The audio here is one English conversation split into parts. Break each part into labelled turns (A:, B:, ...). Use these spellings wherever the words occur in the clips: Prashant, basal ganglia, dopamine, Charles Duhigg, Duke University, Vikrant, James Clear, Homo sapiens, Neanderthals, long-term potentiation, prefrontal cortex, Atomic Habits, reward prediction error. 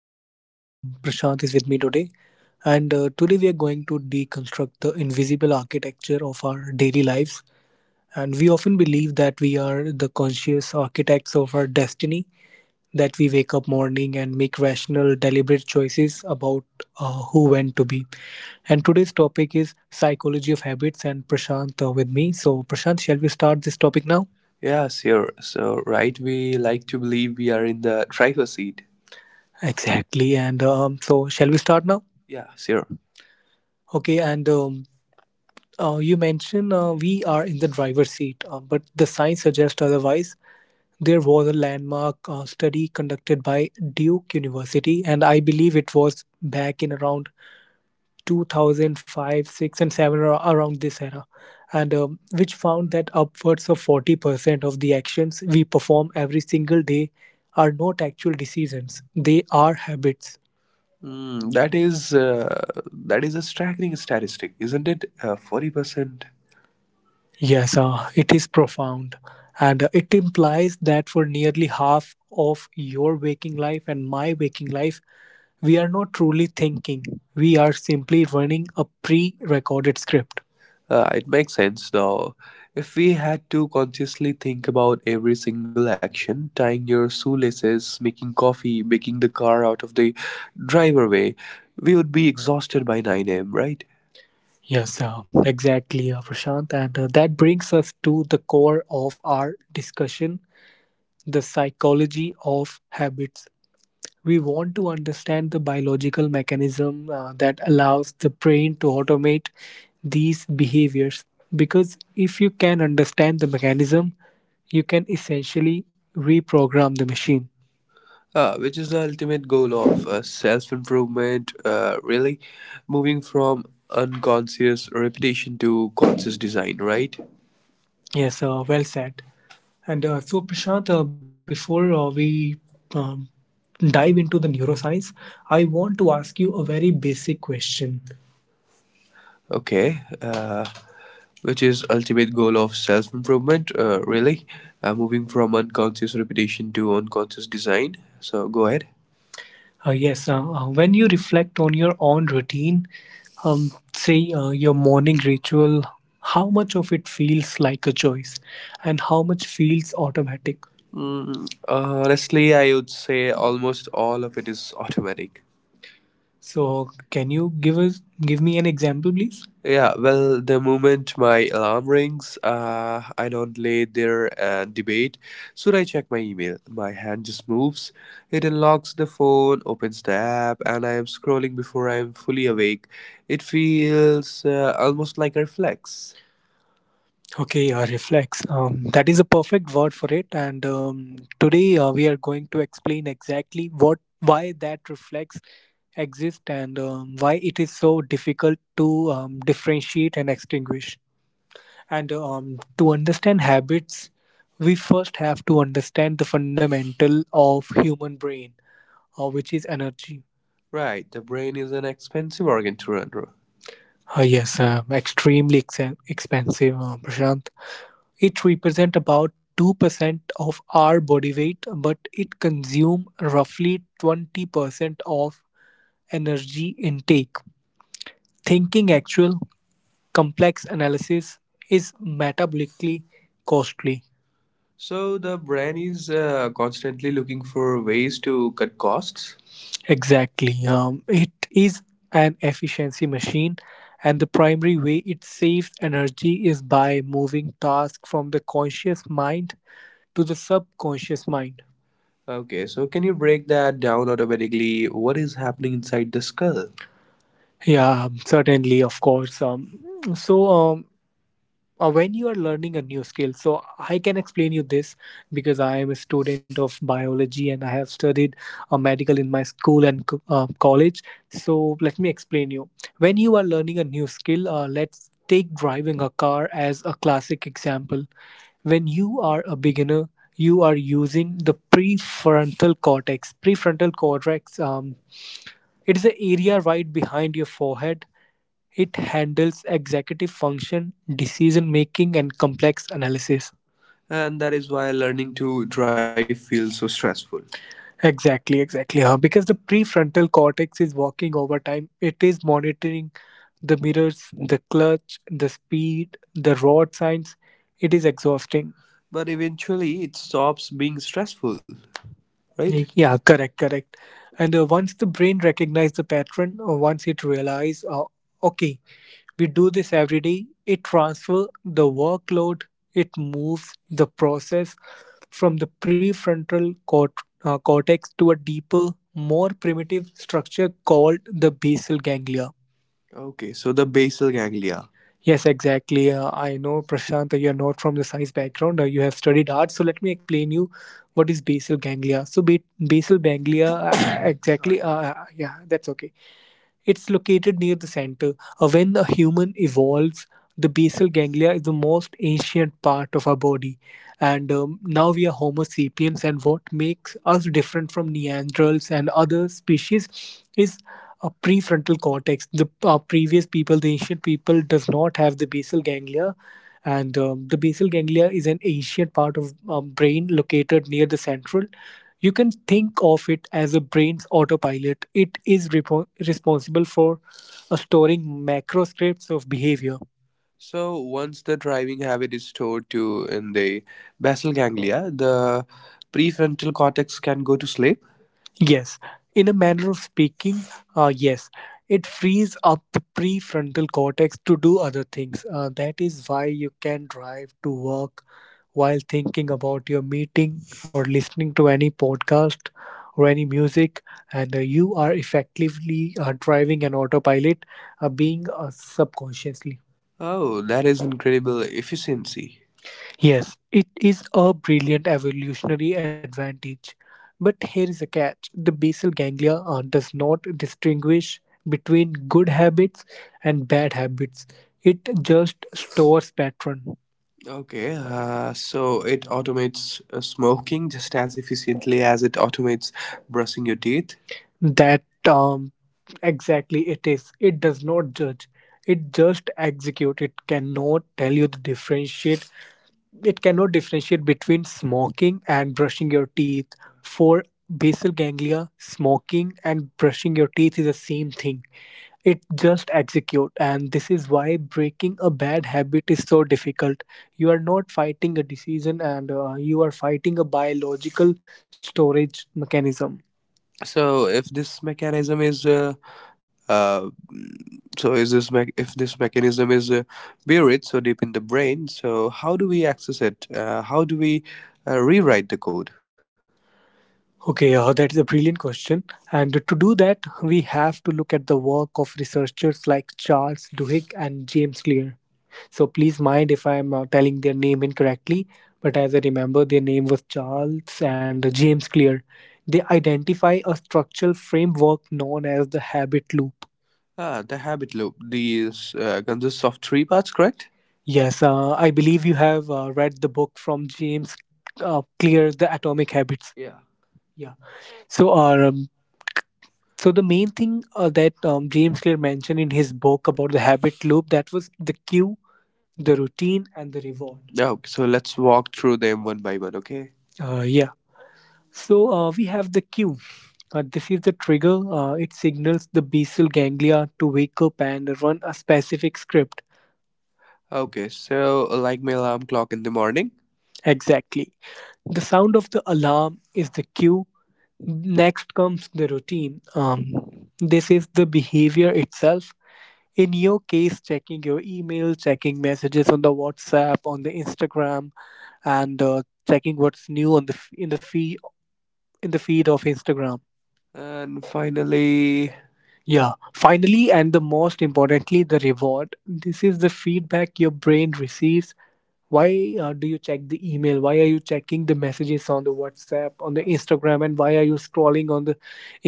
A: Vikrant and Prashant is with me today. And today we are going to deconstruct the invisible architecture of our daily lives. And we often believe that we are the conscious architects of our destiny, that we wake up morning and make rational deliberate choices about who went to be. And today's topic is psychology of habits. And Prashant with me. So Prashant, shall we start this topic now? Yeah, sure. So, right, we like to believe we are in the driver's seat. Exactly. And so shall we start now? Yeah, sure. Okay, and you mentioned we are in the driver's seat, but the science suggests otherwise. There was a landmark study conducted by Duke University, and I believe it was back in around 2005, 6, and 7, around this era, and which found that upwards of 40% of the actions we perform every single day are not actual decisions, they are habits. That is a staggering statistic, isn't it? 40%. Yes, it is profound. And it implies that for nearly half of your waking life and my waking life, we are not truly thinking. We are simply running a pre recorded script. It makes sense though. If we had to consciously think about every single action, tying your shoelaces, making coffee, making the car out of the driveway, we would be exhausted by 9 a.m., right? Yes, exactly, Prashant. And that brings us to the core of our discussion, the psychology of habits. We want to understand the biological mechanism that allows the brain to automate these behaviors. Because if you can understand the mechanism, you can essentially reprogram the machine. Which is the ultimate goal of self improvement, really? Moving from unconscious repetition to conscious design, right? Yes, well said. And so, Prashant, before we um, dive into the neuroscience, I want to ask you a very basic question. Okay. Which is ultimate goal of self improvement, really? Moving from unconscious repetition to unconscious design. So go ahead. Yes, when you reflect on your own routine, say your morning ritual, how much of it feels like a choice and how much feels automatic? Honestly, I would say almost all of it is automatic. So can you give me an example, please? Yeah, well, the moment my alarm rings, I don't lay there and debate. Should I check my email? My hand just moves. It unlocks the phone, opens the app, and I am scrolling before I am fully awake. It feels almost like a reflex. Okay, reflex. That is a perfect word for it. And today we are going to explain exactly what, why that reflex exists, and why it is so difficult to differentiate and extinguish. And to understand habits, we first have to understand the fundamental of human brain, which is energy. Right, the brain is an expensive organ to run. Extremely expensive, Prashant. It represents about 2% of our body weight, but it consumes roughly 20% of energy intake. Thinking actual complex analysis is metabolically costly. So the brand is constantly looking for ways to cut costs. Exactly. It is an efficiency machine, and the primary way it saves energy is by moving tasks from the conscious mind to the subconscious mind. Okay, so can you break that down automatically? What is happening inside the skull? Yeah, certainly, of course. So, um, when you are learning a new skill, so I can explain you this because I am a student of biology and I have studied medical in my school and college. So let me explain you, when you are learning a new skill, let's take driving a car as a classic example. When you are a beginner, you are using the prefrontal cortex. It is the area right behind your forehead. It handles executive function, decision making, and complex analysis. And that is why learning to drive feels so stressful. Exactly, exactly. Huh? Because the prefrontal cortex is working overtime, it is monitoring the mirrors, the clutch, the speed, the road signs. It is exhausting. But eventually, it stops being stressful, right? Yeah, correct, correct. And once the brain recognizes the pattern, or once it realizes, okay, we do this every day, it transfer the workload, it moves the process from the prefrontal cortex to a deeper, more primitive structure called the basal ganglia. Okay, so the basal ganglia. Yes, exactly. I know, Prashant, you're not from the science background. You have studied art. So let me explain you what is basal ganglia. So basal ganglia, exactly. Sorry. Yeah, that's okay. It's located near the center. When a human evolves, the basal ganglia is the most ancient part of our body. And now we are Homo sapiens, and what makes us different from Neanderthals and other species is a prefrontal cortex. The our previous people, the ancient people, does not have the basal ganglia, and the basal ganglia is an ancient part of brain located near the central. You can think of it as a brain's autopilot. It is responsible for or storing macro scripts of behavior. So once the driving habit is stored to in the basal ganglia, the prefrontal cortex can go to sleep. Yes, in a manner of speaking, uh, yes, it frees up the prefrontal cortex to do other things. That is why you can drive to work while thinking about your meeting or listening to any podcast or any music, and you are effectively driving an autopilot, being subconsciously. Oh, that is incredible efficiency. Yes, it is a brilliant evolutionary advantage. But here is a catch, the basal ganglia does not distinguish between good habits and bad habits, it just stores pattern. Okay, so it automates smoking just as efficiently as it automates brushing your teeth. That exactly it is. It does not judge, it just executes. It cannot tell you the differentiate. It cannot differentiate between smoking and brushing your teeth. For basal ganglia, smoking and brushing your teeth is the same thing. It just execute, and this is why breaking a bad habit is so difficult. You are not fighting a decision, and you are fighting a biological storage mechanism. So if this mechanism is uh, uh, so is this mech if this mechanism is buried so deep in the brain, so how do we access it? How do we rewrite the code? Okay, that is a brilliant question. And to do that, we have to look at the work of researchers like Charles Duhigg and James Clear. So please mind if I'm telling their name incorrectly, but as I remember, their name was Charles and James Clear. They identify a structural framework known as the habit loop. Ah, the habit loop. These consists of three parts, correct? Yes, I believe you have read the book from James Clear, The Atomic Habits. Yeah. Yeah. So, so the main thing that James Clear mentioned in his book about the habit loop, that was the cue, the routine, and the reward. Okay, so let's walk through them one by one, okay? Yeah. So we have the cue. This is the trigger. It signals the basal ganglia to wake up and run a specific script. Okay, so like my alarm clock in the morning. Exactly. The sound of the alarm is the cue. Next comes the routine. This is the behavior itself, in your case checking your email, checking messages on the whatsapp, on the instagram, and checking what's new on the in the feed of instagram. And yeah finally, and the most importantly, the reward. This is the feedback your brain receives. Why do you check the email? Why are you checking the messages on the whatsapp, on the instagram? And why are you scrolling on the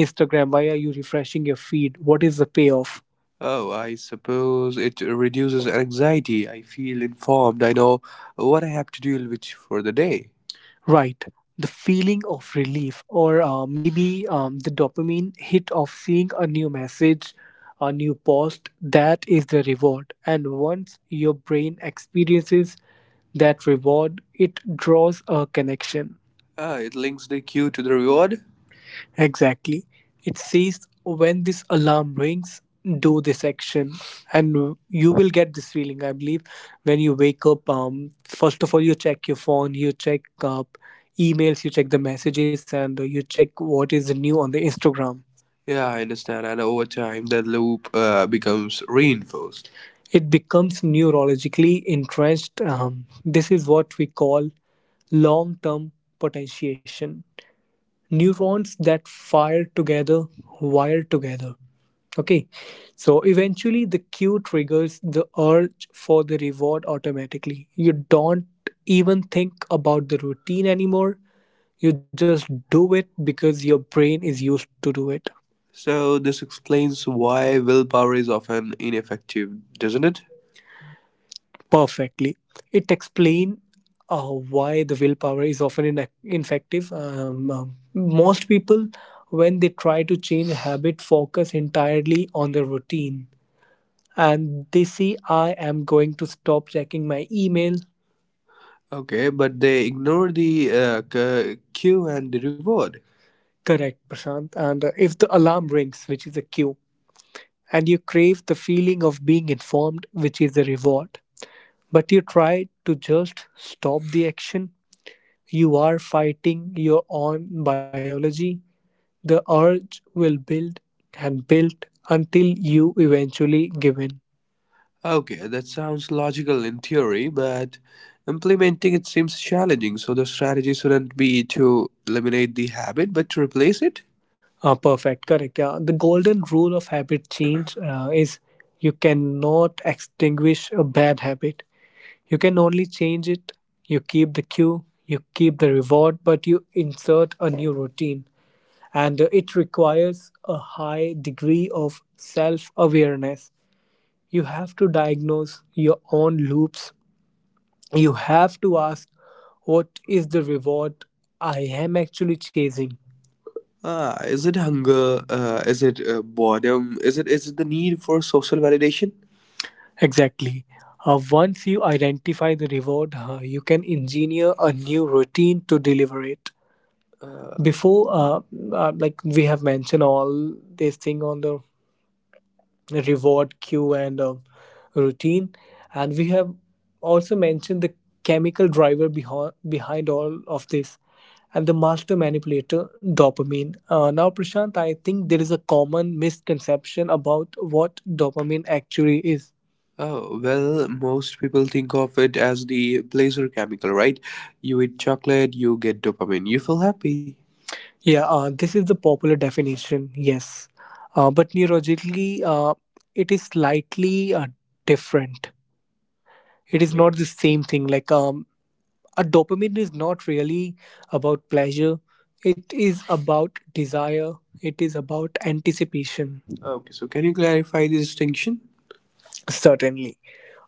A: instagram? Why are you refreshing your feed? What is the payoff? Oh, I suppose it reduces anxiety. I feel informed. I know what I have to deal with for the day. Right, the feeling of relief, or maybe the dopamine hit of seeing a new message, a new post. That is the reward. And once your brain experiences that reward, it draws a connection. Ah, it links the cue to the reward? Exactly. It says when this alarm rings, do this action, and you will get this feeling. I believe when you wake up, first of all you check your phone, you check emails, you check the messages, and you check what is new on the Instagram. Yeah, I understand. And over time, the loop becomes reinforced. It becomes neurologically entrenched. This is what we call long-term potentiation, neurons that fire together wire together. Okay, so eventually the cue triggers the urge for the reward automatically. You don't even think about the routine anymore, you just do it because your brain is used to do it. So, this explains why willpower is often ineffective, doesn't it? Perfectly. It explains why the willpower is often ineffective. Most people, when they try to change a habit, focus entirely on the routine. And they say, I am going to stop checking my email. Okay, but they ignore the cue and the reward. Correct, Prashant. And if the alarm rings, which is a cue, and you crave the feeling of being informed, which is a reward, but you try to just stop the action. You are fighting your own biology. The urge will build and build until you eventually give in. Okay, that sounds logical in theory, but implementing it seems challenging, so the strategy shouldn't be to eliminate the habit but to replace it? Perfect, correct. Yeah, the golden rule of habit change is you cannot extinguish a bad habit, you can only change it. You keep the cue, you keep the reward, but you insert a new routine. And it requires a high degree of self awareness. You have to diagnose your own loops. You have to ask, what is the reward I am actually chasing? Ah, is it hunger? Is it boredom? Is it the need for social validation? Exactly. Once you identify the reward, you can engineer a new routine to deliver it. Before, like we have mentioned all this thing on the reward, cue, and routine. And we have also mentioned the chemical driver behind all of this, and the master manipulator, dopamine. Now, Prashant, I think there is a common misconception about what dopamine actually is. Oh, well, most people think of it as the pleasure chemical, right? You eat chocolate, you get dopamine, you feel happy. Yeah, this is the popular definition, yes. But neurologically, it is slightly different. It is not the same thing. Like a dopamine is not really about pleasure, it is about desire, it is about anticipation. Okay, so can you clarify the distinction? Certainly.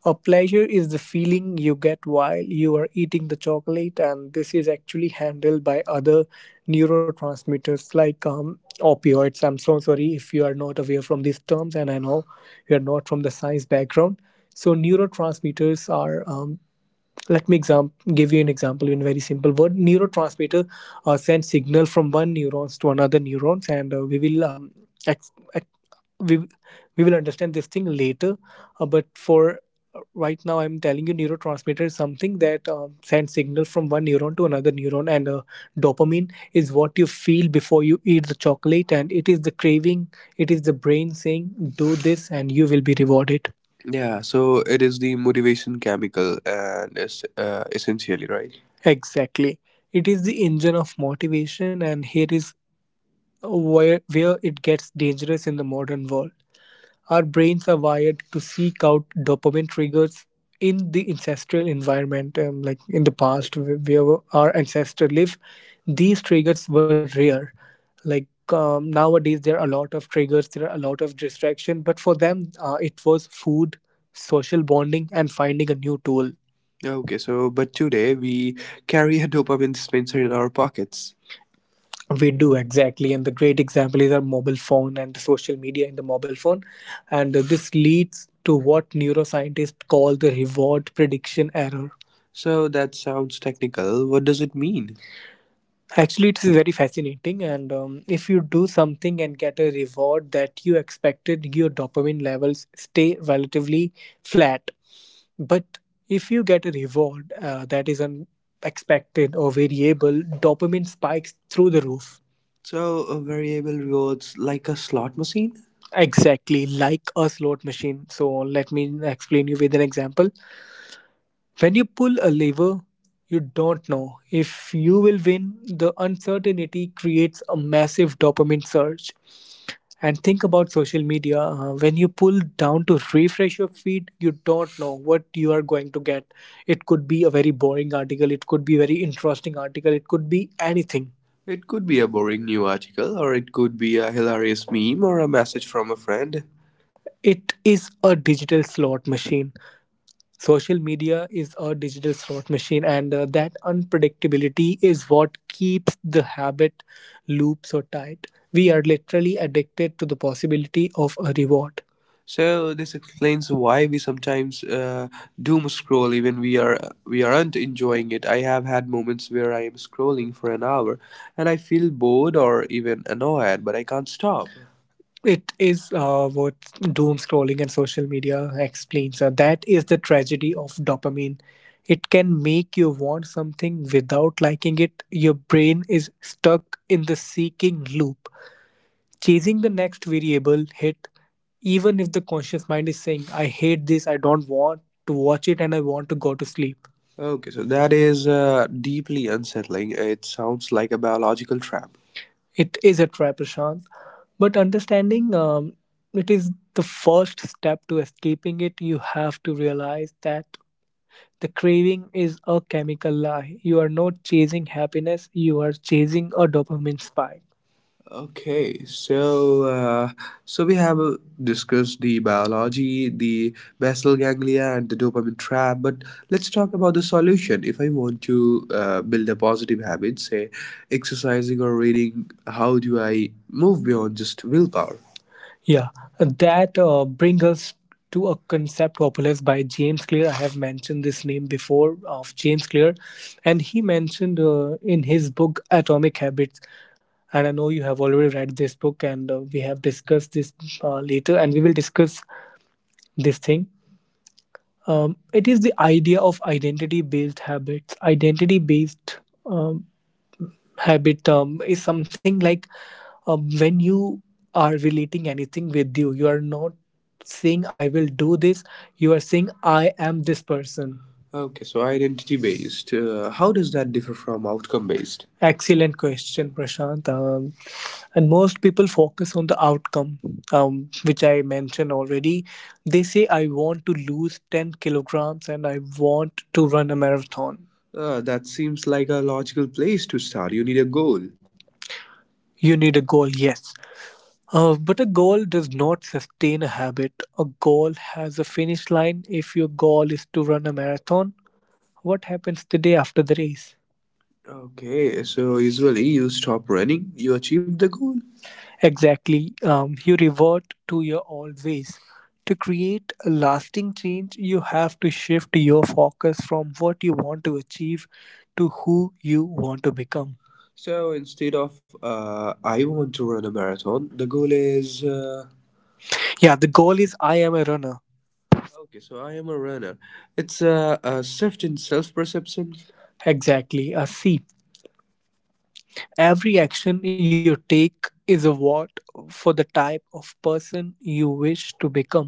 A: A pleasure is the feeling you get while you are eating the chocolate, and this is actually handled by other neurotransmitters like opioids. I'm so sorry if you are not aware from these terms, and I know you are not from the science background. So neurotransmitters are. Let me give you an example in very simple word. Neurotransmitter sends signal from one neurons to another neurons, and we will ex- we we will understand this thing later but for right now I'm telling you neurotransmitter is something that sends signals from one neuron to another neuron. And dopamine is what you feel before you eat the chocolate, and it is the craving, it is the brain saying do this and you will be rewarded. Yeah, so it is the motivation chemical, and it's essentially right. Exactly, it is the engine of motivation. And here is where it gets dangerous. In the modern world, our brains are wired to seek out dopamine triggers in the ancestral environment, like in the past where our ancestors live. These triggers were rare. Like nowadays, there are a lot of triggers, there are a lot of distraction, but for them, it was food, social bonding, and finding a new tool. Okay, so but today we carry a dopamine dispenser in our pockets, we do. Exactly, and the great example is our mobile phone and the social media in the mobile phone. And this leads to what neuroscientists call the reward prediction error. So that sounds technical. What does it mean? Actually, it's very fascinating. And if you do something and get a reward that you expected, your dopamine levels stay relatively flat. But if you get a reward that is unexpected or variable, dopamine spikes through the roof. So, a variable rewards like a slot machine? Exactly, like a slot machine. So let me explain you with an example. When you pull a lever, you don't know if you will win. The uncertainty creates a massive dopamine surge. And think about social media. When you pull down to refresh your feed, you don't know what you are going to get. It could be a very boring article, it could be very interesting article, it could be anything. It could be a boring new article, or it could be a hilarious meme or a message from a friend. It is a digital slot machine. Social media is a digital slot machine, and that unpredictability is what keeps the habit loop so tight. We are literally addicted to the possibility of a reward. So this explains why we sometimes doom scroll even we aren't enjoying it. I have had moments where I am scrolling for an hour and I feel bored or even annoyed, but I can't stop. It is what doom scrolling and social media explains. That is the tragedy of dopamine. It can make you want something without liking it. Your brain is stuck in the seeking loop, chasing the next variable hit, even if the conscious mind is saying, I hate this, I don't want to watch it, and I want to go to sleep. Okay, so that is deeply unsettling. It sounds like a biological trap. It is a trap, Prashant. But understanding it is the first step to escaping it. You have to realize that the craving is a chemical lie. You are not chasing happiness, you are chasing a dopamine spike. Okay, so we have discussed the biology, the basal ganglia, and the dopamine trap. But let's talk about the solution. If I want to build a positive habit, say exercising or reading, how do I move beyond just willpower? Yeah, that brings us to a concept popularized by James Clear. I have mentioned this name before of James Clear, and he mentioned in his book Atomic Habits. And I know you have already read this book, and we have discussed this later, and we will discuss this thing. It is the idea of identity based habits. Identity based um, habit is something like when you are relating anything with you, you are not saying I will do this. You are saying I am this person. Okay, so identity based. How does that differ from outcome based? Excellent question, Prashant. And most people focus on the outcome, which I mentioned already. They say, I want to lose 10 kilograms and I want to run a marathon. That seems like a logical place to start. You need a goal. You need a goal, yes. But a goal does not sustain a habit. A goal has a finish line. If your goal is to run a marathon, what happens the day after the race? Okay, so usually you stop running, you achieve the goal. Exactly. You revert to your old ways. To create a lasting change, you have to shift your focus from what you want to achieve to who you want to become. So instead of I want to run a marathon, the goal is yeah, the goal is I am a runner. Okay. So I am a runner. It's a shift in self perception. Exactly, a seep. Every action you take is a vote for the type of person you wish to become.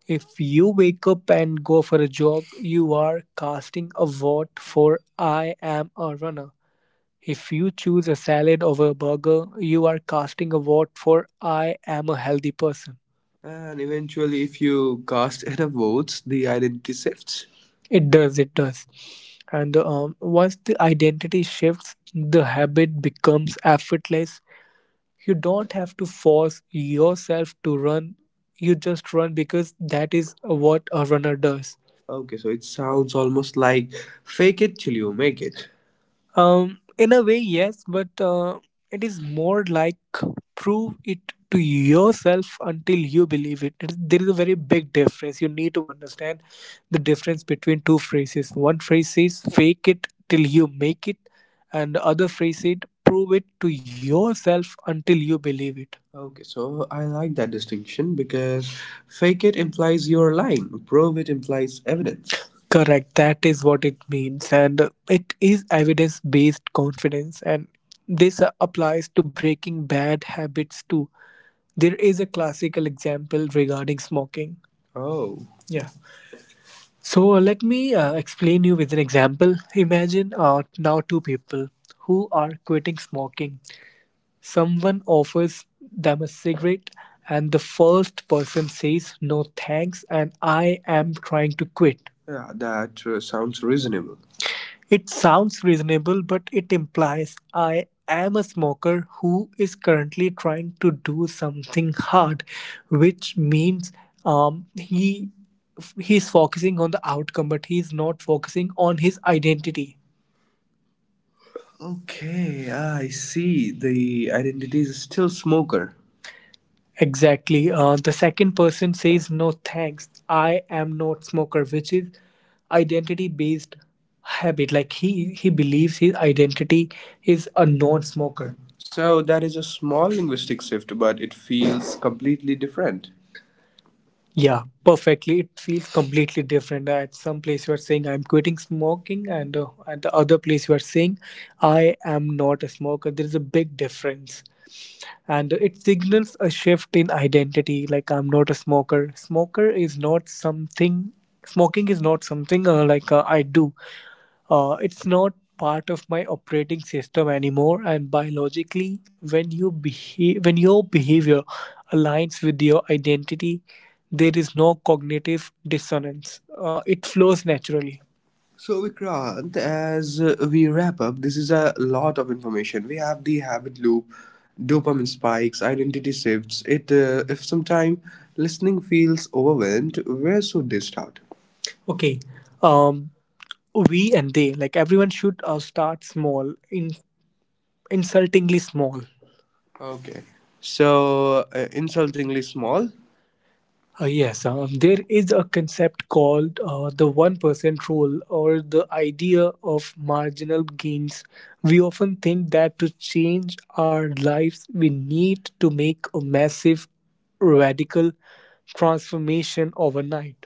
A: If you wake up and go for a jog, you are casting a vote for I am a runner. If you choose a salad over a burger, you are casting a vote for I am a healthy person. And eventually, if you cast enough votes, the identity shifts. It does, it does. And once the identity shifts, the habit becomes effortless. You don't have to force yourself to run, you just run because that is what a runner does. Okay, so it sounds almost like fake it till you make it. In a way, yes, but it is more like prove it to yourself until you believe it. There is a very big difference. You need to understand the difference between two phrases. One phrase says fake it till you make it, and the other phrase said prove it to yourself until you believe it. Okay, so I like that distinction because fake it implies you're lying, prove it implies evidence. Correct. That is what it means. And it is evidence based confidence. And this applies to breaking bad habits too. There is a classical example regarding smoking. Oh. Yeah. So let me explain you with an example. Imagine now two people who are quitting smoking. Someone offers them a cigarette and the first person says "No thanks" and "I am trying to quit." Yeah, that sounds reasonable. It sounds reasonable, but it implies I am a smoker who is currently trying to do something hard, which means um, he he's focusing on the outcome, but he's not focusing on his identity. Okay, I see. The identity is still smoker. Exactly. The second person says, No thanks, I am not smoker, which is identity based habit. Like he believes his identity is a non smoker. So that is a small linguistic shift, but it feels completely different. Yeah, perfectly. It feels completely different. At some place you are saying I'm quitting smoking, and at the other place you are saying I am not a smoker. There is a big difference and it signals a shift in identity like I'm not a smoker. Smoker is not something Smoking is not something like I do. It's not part of my operating system anymore. And biologically, when you behave, when your behavior aligns with your identity, there is no cognitive dissonance. It flows naturally. So, Vikrant, as we wrap up, this is a lot of information. We have the habit loop, dopamine spikes, identity shifts. If sometime listening feels overwhelmed, where should they start? Okay. Um, we and they, like everyone should start small, in insultingly small. Okay. So, insultingly small. Yes, there is a concept called the 1% rule or the idea of marginal gains. We often think that to change our lives, we need to make a massive, radical transformation overnight.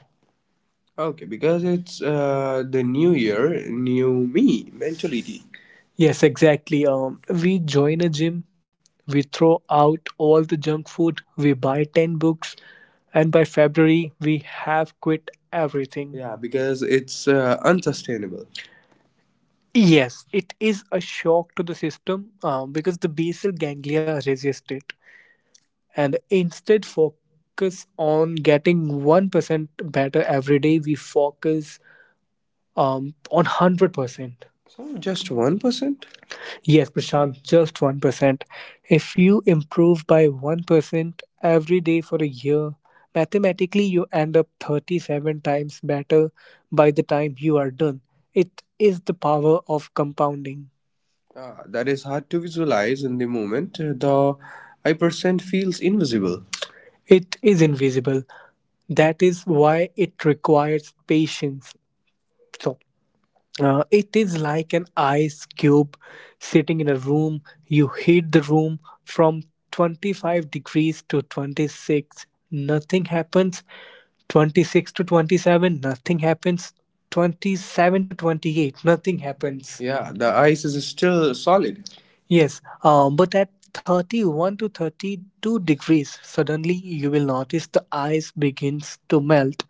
A: Okay, because it's the new year, new me mentality. Yes, exactly. We join a gym, we throw out all the junk food, we buy 10 books, and by February, we have quit everything. Yeah, because it's unsustainable. Yes, it is a shock to the system because the basal ganglia resist it. And instead focus on getting 1% better every day. We focus on 100%. So just 1%? Yes, Prashant, just 1%. If you improve by 1% every day for a year, mathematically you end up 37 times better by the time you are done. It is the power of compounding. Ah, that is hard to visualize in the moment. The I percent feels invisible. It is invisible. That is why it requires patience. So, it is like an ice cube sitting in a room. You heat the room from 25 degrees to 26. Nothing happens. 26 to 27, nothing happens. 27 to 28, nothing happens. Yeah, the ice is still solid. Yes, but at 31 to 32 degrees, suddenly you will notice the ice begins to melt.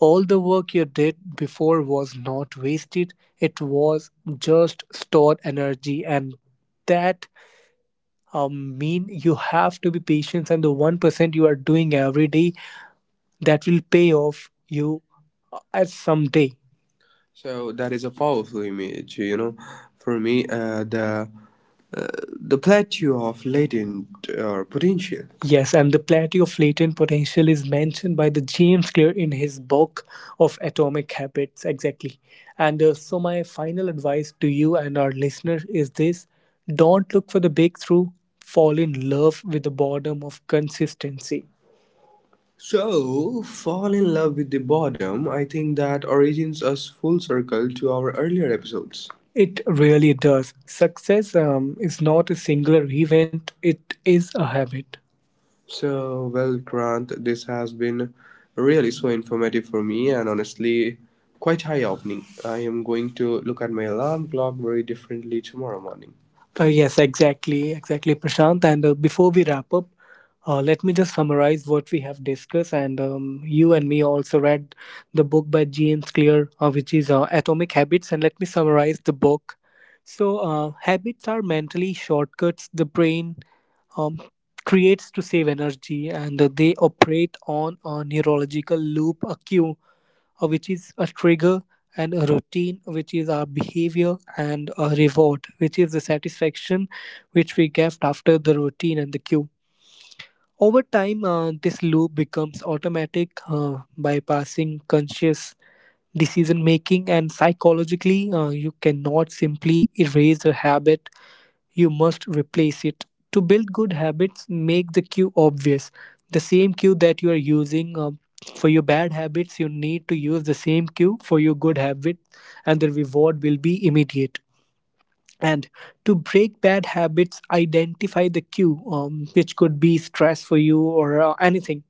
A: All the work you did before was not wasted, it was just stored energy, and that mean you have to be patient. And the 1% you are doing every day that will pay off you at some day. So that is a powerful image, you know. For me, uh, the plateau of latent or potential. Yes, and the plateau of latent potential is mentioned by the James Clear in his book of Atomic Habits. Exactly. And so, my final advice to you and our listeners is this: don't look for the breakthrough, fall in love with the boredom of consistency. So, fall in love with the boredom. I think that origins us full circle to our earlier episodes. It really does. Success is not a singular event, it is a habit. So, well, Grant, this has been really so informative for me and honestly quite eye opening. I am going to look at my alarm clock very differently tomorrow morning. Yes, exactly, exactly, Prashant. And before we wrap up, let me just summarize what we have discussed. And you and me also read the book by James Clear, which is Atomic Habits. And let me summarize the book. So, habits are mentally shortcuts the brain um, creates to save energy, and they operate on a neurological loop: a cue, which is a trigger, and a routine, which is our behavior, and a reward, which is the satisfaction which we get after the routine and the cue. Over time, this loop becomes automatic, bypassing conscious decision making. And psychologically, you cannot simply erase a habit, you must replace it. To build good habits, make the cue obvious. The same cue that you are using for your bad habits, you need to use the same cue for your good habit, and the reward will be immediate. And to break bad habits, identify the cue, which could be stress for you or anything,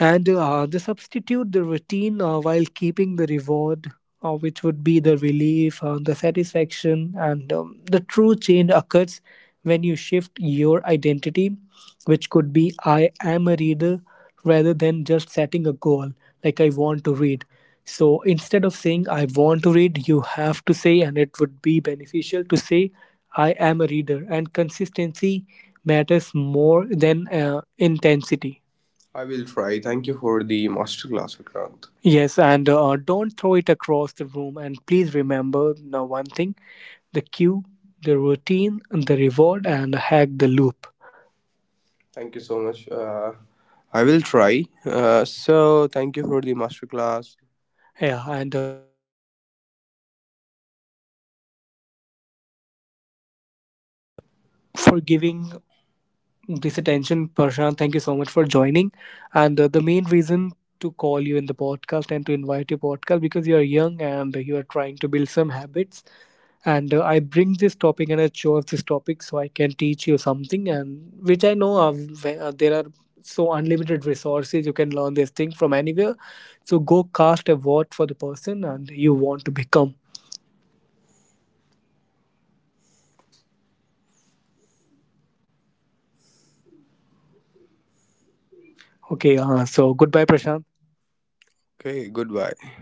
A: and they substitute the routine while keeping the reward, which would be the relief, the satisfaction, and the true change occurs when you shift your identity, which could be I am a reader rather than just setting a goal like I want to read. So instead of saying I want to read, you have to say, and it would be beneficial to say, I am a reader. And consistency matters more than intensity. I will try. Thank you for the masterclass, Vikrant. Yes, and don't throw it across the room. And please remember now one thing: the cue, the routine, the reward, and hack the loop. Thank you so much. I will try. So, thank you for the masterclass. Yeah, and
B: For giving this attention, Prashant. Thank you so much for joining. And the main reason to call you in the podcast and to invite your podcast because you are young and you are trying to build some habits. And I bring this topic and I chose this topic so I can teach you something, and which I know, there are so unlimited resources you can learn this thing from anywhere. So go cast a vote for the person and you want to become. Okay. So goodbye, Prashant. Okay, goodbye.